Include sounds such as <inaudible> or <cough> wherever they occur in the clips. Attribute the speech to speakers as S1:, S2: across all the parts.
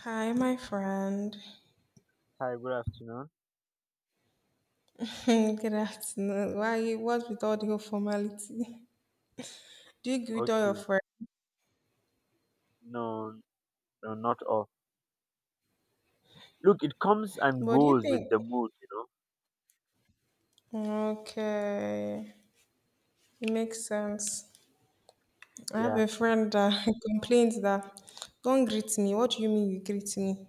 S1: Hi, my friend.
S2: Hi, good afternoon.
S1: <laughs> Good afternoon. Why? What's with all the whole formality? <laughs> Do you give it all your
S2: Okay,
S1: friends?
S2: no, no, not all. Look, it comes and
S1: What do you
S2: goes
S1: think?
S2: with the mood, you know.
S1: Okay, it makes sense. I have
S2: Yeah,
S1: a friend that <laughs> complains that don't greet me. What do you mean you greet me?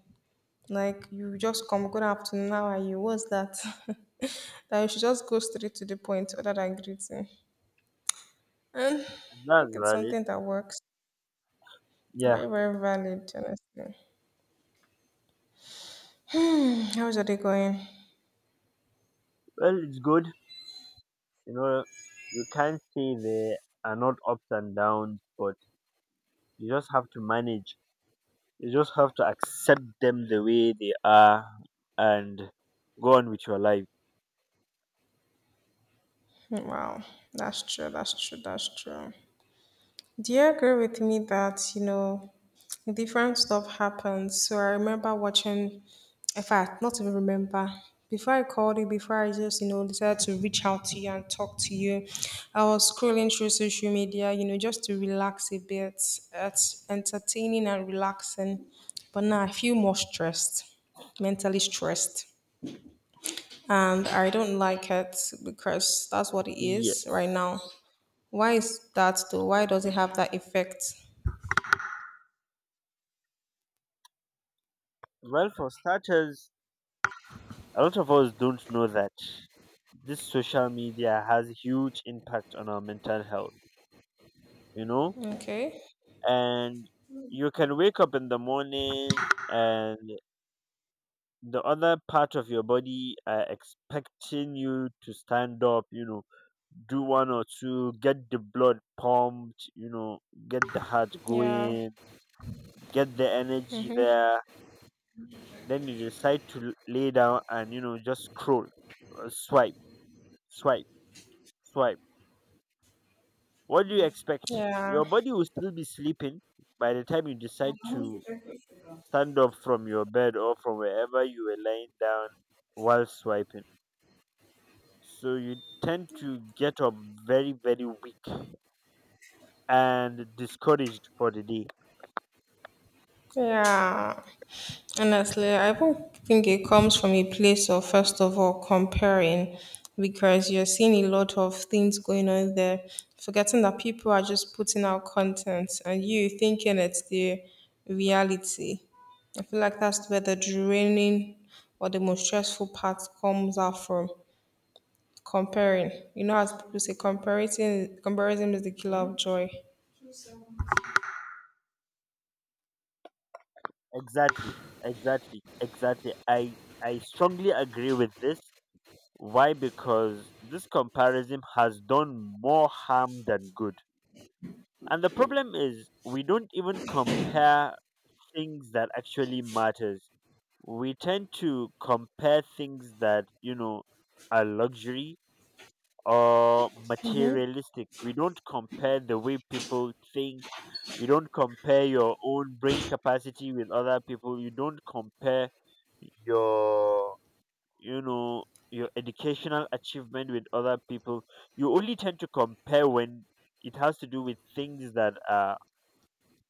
S1: Like you just come good afternoon. How are you? What's that? <laughs> that you should just go straight to the point other than greeting. And
S2: and
S1: I
S2: that's
S1: think it's
S2: valid.
S1: something that works.
S2: Yeah,
S1: Very, very valid, honestly. Hmm, how's your day going?
S2: well, it's good. You know, you can't say there are not ups and downs, but you just have to manage. You just have to accept them the way they are and go on with your life.
S1: Wow, that's true. That's true. That's true. Do you agree with me that you know different stuff happens? So I remember watching. In fact, not even remember. Before I called you, before I just you know decided to reach out to you and talk to you, I was scrolling through social media, you know, just to relax a bit. It's entertaining and relaxing, but now I feel more stressed, mentally stressed, and I don't like it because that's what it is right
S2: Yes.
S1: now. Why is that though? Why does it have that effect?
S2: Well, for starters, a lot of us don't know that this social media has huge impact on our mental health, you know.
S1: Okay.
S2: And you can wake up in the morning, and the other part of your body are expecting you to stand up, you know, do one or two, get the blood pumped, you know, get the heart
S1: Yeah.
S2: going, get the energy there, then you decide to lay down and, just scroll, swipe, swipe, swipe. What do you expect?
S1: Yeah.
S2: Your body will still be sleeping. By the time you decide to stand up from your bed or from wherever you were lying down while swiping, so you tend to get up very, very weak and discouraged for the day.
S1: Yeah. Honestly, I don't think it comes from a place of first of all comparing because you're seeing a lot of things going on there, forgetting that people are just putting out content and you thinking it's the reality. I feel like that's where the draining or the most stressful part comes out from. Comparing. You know, as people say, comparison is the killer of joy.
S2: Exactly, exactly, exactly. I strongly agree with this. Why? Because this comparison has done more harm than good. And the problem is, we don't even compare things that actually matters. We tend to compare things that, you know, are luxury or materialistic. We don't compare the way people think. You don't compare your own brain capacity with other people. You don't compare your, you know, your educational achievement with other people. You only tend to compare when it has to do with things that are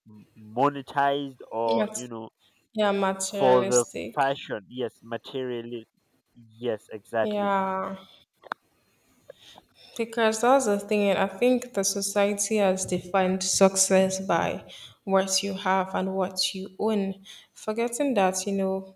S2: monetized or, you
S1: Mat-
S2: know,
S1: yeah,
S2: for the
S1: materialistic.
S2: fashion. Yes, materialism, yes, exactly.
S1: Yeah, because that's the thing. I think the society has defined success by what you have and what you own, forgetting that you know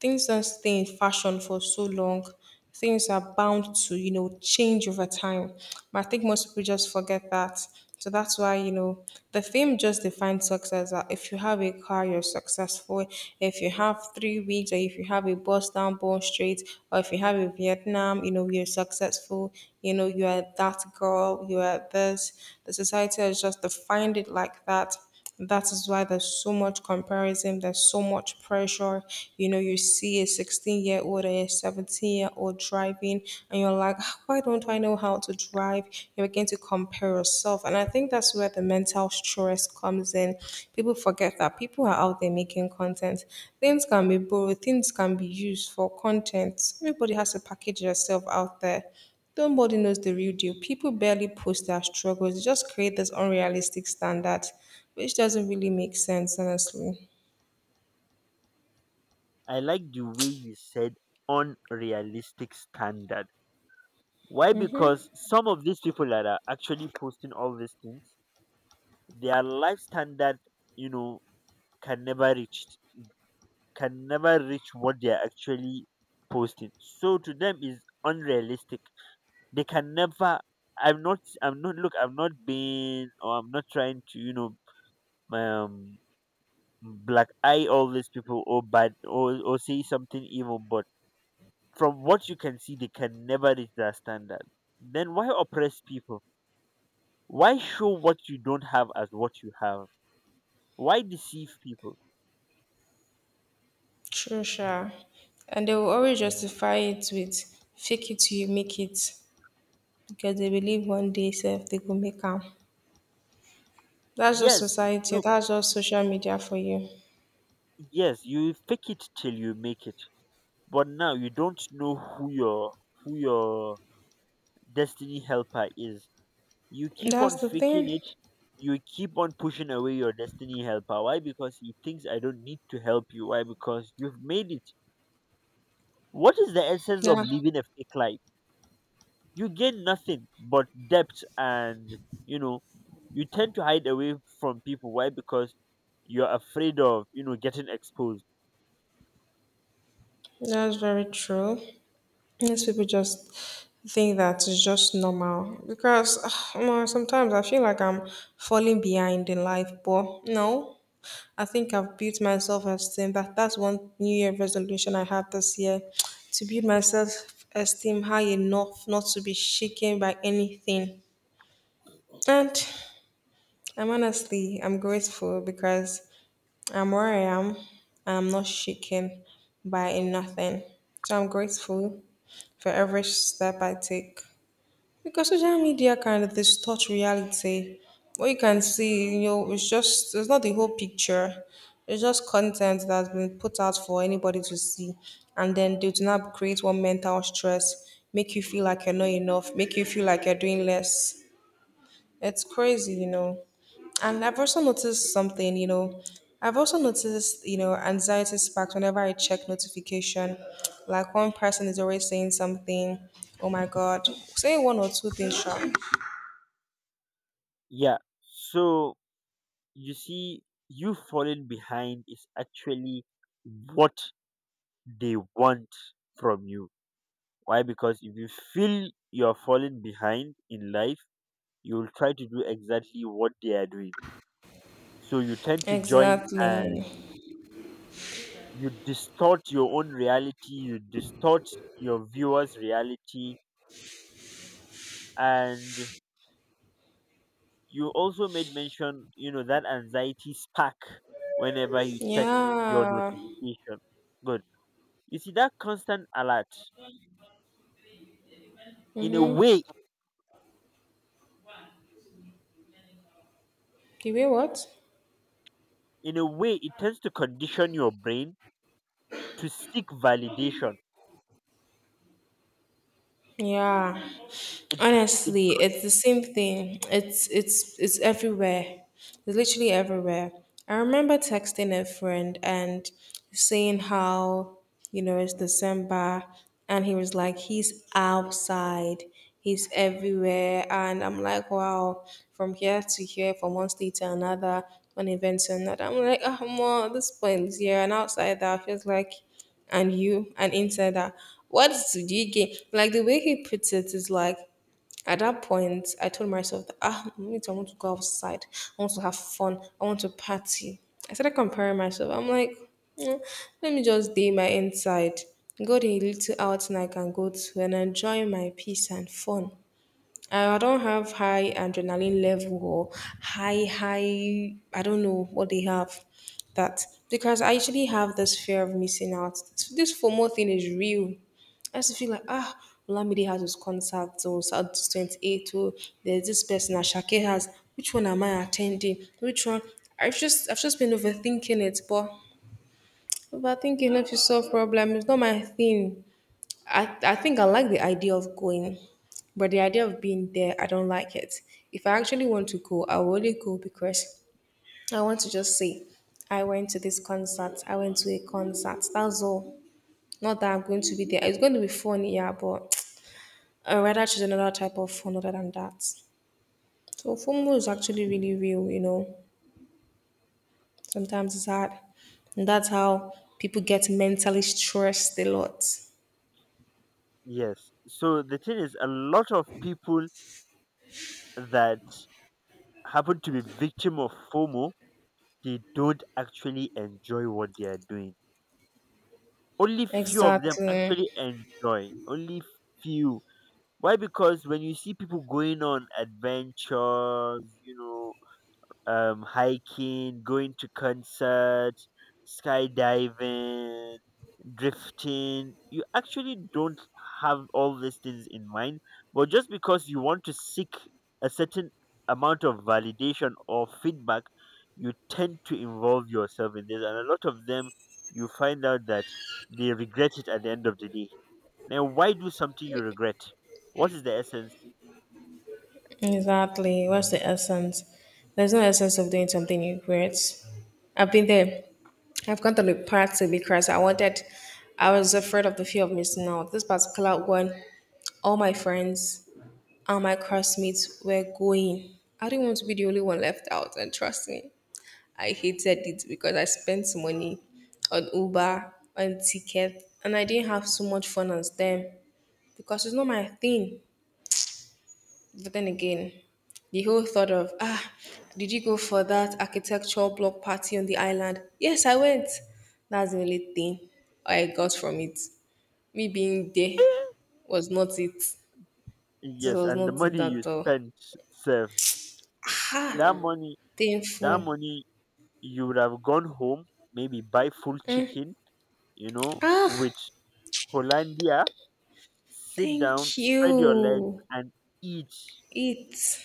S1: things don't stay in fashion for so long. Things are bound to, you know, change over time. But I think most people just forget that. So that's why, you know, the fame just defines success. That if you have a car, you're successful. If you have three weeks, or if you have a bus down Bond Street, or if you have a Vietnam, you know, you're successful. You know, you are that girl, you are this. The society has just defined it like that. That is why there's so much comparison, there's so much pressure. You know, you see a 16-year-old and a 17-year-old driving, and you're like, "Ah, why don't I know how to drive? You begin to compare yourself. And I think that's where the mental stress comes in. People forget that people are out there making content. Things can be borrowed, things can be used for content. Everybody has to package yourself out there. Nobody knows the real deal. People barely post their struggles. They just create this unrealistic standard, which doesn't really make sense, honestly.
S2: I like the way you said unrealistic standard. Why? Because some of these people that are actually posting all these things, their life standard, you know, can never reach, can never reach what they're actually posting. So to them is unrealistic. They can never — I'm not look, I'm not being, or I'm not trying to, you know, um black eye all these people, or bad, or say something evil, but from what you can see, they can never reach that standard. Then why oppress people? Why show what you don't have as what you have? Why deceive people?
S1: True, sure. And they will always justify it with fake it till you make it because they believe one day self they go make am. That's just
S2: Yes,
S1: society.
S2: look,
S1: That's just social media for you.
S2: yes, you fake it till you make it, but now you don't know who your, who your destiny helper is. You keep on
S1: That's the
S2: faking
S1: thing.
S2: it. You keep on pushing away your destiny helper. Why? Because he thinks I don't need to help you. Why? Because you've made it. What is the essence of
S1: Yeah,
S2: living a fake life? You gain nothing but debt and, you know, you tend to hide away from people. Why? Because you're afraid of, you know, getting exposed.
S1: that's very true. Most people just think that it's just normal because <sighs> sometimes I feel like I'm falling behind in life, but no, I think I've built myself esteem. That's one New Year resolution I had this year <tsk> to build myself esteem high enough not to be shaken by anything. And I'm honestly, I'm grateful because I'm where I am and I'm not shaken by nothing. So I'm grateful for every step I take because social media can distort reality. What you can see, you know, it's just, it's not the whole picture. It's just content that's been put out for anybody to see. And then they do not create one mental stress, make you feel like you're not enough, make you feel like you're doing less. It's crazy, you know. And I've also noticed something, you know, I've also noticed, you know, anxiety sparks whenever I check notification. Like one person is always saying something, oh my God, say one or two things sharp.
S2: Yeah. So you see, you falling behind is actually what they want from you. Why? Because if you feel you're falling behind in life, you'll try to do exactly what they are doing. So you tend to join,
S1: Exactly.
S2: and you distort your own reality, you distort your viewers' reality. And you also made mention, you know, that anxiety spark whenever you check your
S1: Yeah.
S2: notification. Good. You see, that constant alert, in a way,
S1: You wait, what?
S2: in a way, it tends to condition your brain to seek validation.
S1: Yeah.
S2: It it.
S1: Honestly, it's the same thing. It's everywhere. It's literally everywhere. I remember texting a friend and saying how, you know, it's December and he was like, he's outside, he's everywhere and I'm like, wow, from here to here, from one state to another, one event to another. I'm like, oh, more at this point, yeah, and outside that, I was like and you an insider. What did you gain? Like the way he puts it is like at that point I told myself that ah me. Need I want to go outside. I want to have fun. I want to party. I started comparing myself. I'm like, "Mm, let me just day my inside. Go to a little outing I can go to and enjoy my peace and fun. I don't have high adrenaline level or high, high, I don't know what they have that because I usually have this fear of missing out. This FOMO thing is real. I used to feel like, ah, Olamide has his concert or South 28 or there's this person Ashake has. Which one am I attending? Which one? I've just been overthinking it, but overthinking helps you solve problem. It's not my thing. I think I like the idea of going, but the idea of being there, I don't like it. If I actually want to go, I will only go because I want to just say, I went to this concert, I went to a concert, that's all. Not that I'm going to be there. It's going to be fun, yeah, but I rather choose another type of fun other than that. So FOMO is actually really real, you know. Sometimes it's hard. And that's how people get mentally stressed a lot.
S2: Yes. So the thing is, a lot of people that happen to be victim of FOMO, they don't actually enjoy what they are doing. Only few of them
S1: Exactly.
S2: actually enjoy. Only few. Why? Because when you see people going on adventures, you know, hiking, going to concerts, skydiving, drifting, you actually don't have all these things in mind, but just because you want to seek a certain amount of validation or feedback, you tend to involve yourself in this. And a lot of them, you find out that they regret it at the end of the day. Now, why do something you regret? What is the essence?
S1: Exactly. What's the essence? There's no essence of doing something you regret. I've been there. I've gone to the party because I wanted, I was afraid of the fear of missing out. This particular one, all my friends and my classmates were going. I didn't want to be the only one left out, and trust me, I hated it because I spent money on Uber, on ticket, and I didn't have so much fun as them because it's not my thing. But then again, the whole thought of, ah, did you go for that architectural block party on the island? Yes, I went. That's the only thing I got from it. Me being there was not it. This
S2: Yes,
S1: was
S2: and the
S1: not it
S2: money you
S1: at all.
S2: spent, serve that money that
S1: Painful.
S2: money you would have gone home, maybe buy full
S1: Mm.
S2: chicken, you know,
S1: Ah,
S2: with Hollandia, sit down,
S1: thank
S2: spread your legs,
S1: you.
S2: and eat.
S1: Eat.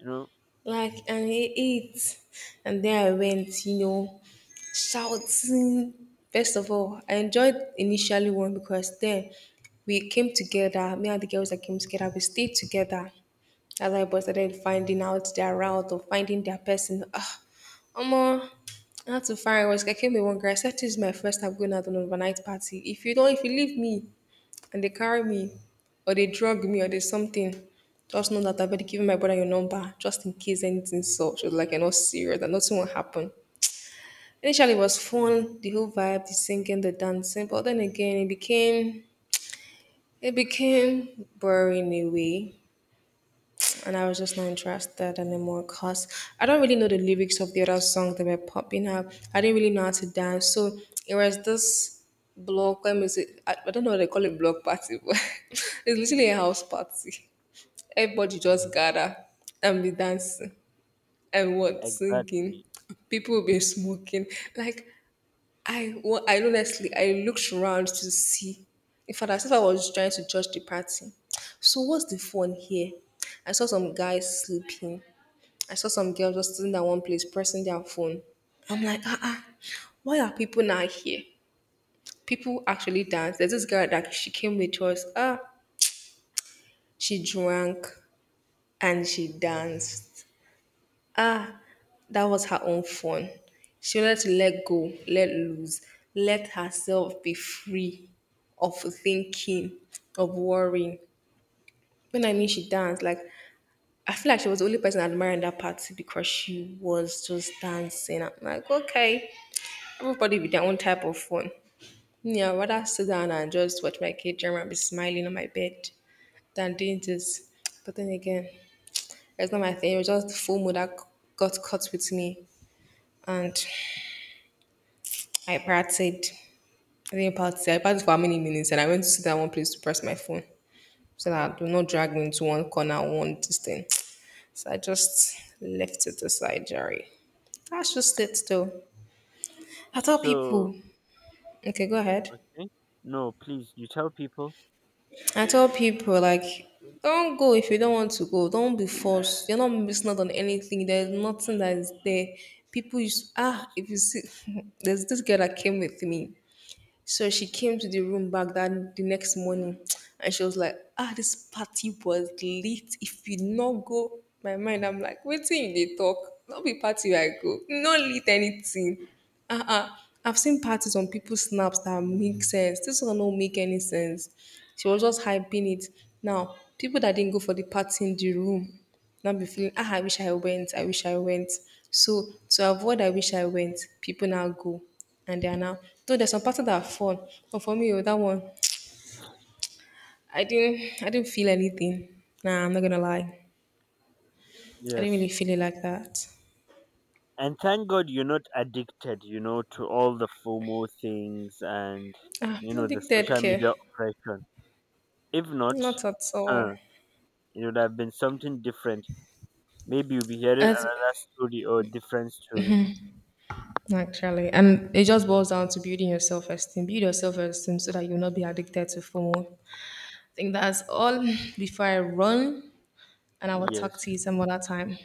S2: You know,
S1: Like, and he ate. And then I went, you know, shouting. First of all, I enjoyed initially one because then we came together, me and the girls that came together, we stayed together as I was started finding out their route or finding their person. Ah, Omo, I had to find I was I came with one girl. I said this is my first time going out on an overnight party. If you don't if you leave me, and they carry me or they drug me or there's something, just know that I've already given my brother your number just in case anything such was like you're not serious that nothing will happen. Initially it was fun, the whole vibe, the singing, the dancing, but then again it became boring in a way. And I was just not interested anymore because I don't really know the lyrics of the other songs that were popping up. I didn't really know how to dance. So it was this block, let me say, I don't know what they call it block party, but <laughs> it's literally a house party. Everybody just gather and be dancing and what singing.
S2: exactly.
S1: People will be smoking. Like I, well, I honestly, I looked around to see. In fact, as if I was trying to judge the party. So what's the fun here? I saw some guys sleeping. I saw some girls just sitting at one place pressing their phone. I'm like, ah, ah, why are people not here? People actually dance. There's this girl that she came with us. Ah, she drank and she danced. Ah, that was her own fun. She wanted to let go, let loose, let herself be free of thinking, of worrying. When I mean she danced, like I feel like she was the only person admiring that party because she was just dancing. I'm like, okay, everybody with their own type of fun. Yeah, I'd rather sit down and just watch my kid drama and be smiling on my bed than doing this. But then again, it's not my thing. It was just the full mood that got caught with me. And I parted. I didn't party. I parted for how many minutes and I went to sit down one place to press my phone. So that do not drag me into one corner, one this thing. So I just left it aside, Jerry. That's just it though. I tell
S2: So,
S1: people okay, go ahead.
S2: okay. No, please, you tell people.
S1: I tell people like don't go if you don't want to go. Don't be forced. You're not missing out on anything. There's nothing that is there. People use ah if you see <laughs> there's this girl that came with me. So she came to the room back that the next morning and she was like, ah, this party was lit. If you not go, my mind, I'm like, waiting. They talk. Not be party where I go. Not lit anything. Uh-uh. I've seen parties on people's snaps that make sense. This one don't make any sense. She was just hyping it. Now, people that didn't go for the party in the room, now be feeling, ah, I wish I went, I wish I went. So to avoid I wish I went, people now go and they are now. Though there's some parts that are fun, but for me, oh, that one, I didn't feel anything. Nah, I'm not gonna lie, I didn't really
S2: Yes.
S1: feel it like that.
S2: And thank God you're not addicted, you know, to all the FOMO things and,
S1: Ah,
S2: you know, the
S1: addicted
S2: social
S1: care,
S2: media oppression. If not,
S1: not at all.
S2: huh, it would have been something different. Maybe you'll be hearing
S1: As-
S2: another story or a different story.
S1: Actually, and it just boils down to building your self-esteem. Build your self-esteem so that you'll not be addicted to FOMO. I think that's all <sighs> before I run, and I will talk to
S2: Yes.
S1: you some other time.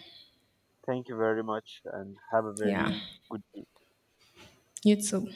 S2: Thank you very much and have a
S1: Yeah,
S2: very good day.
S1: you too.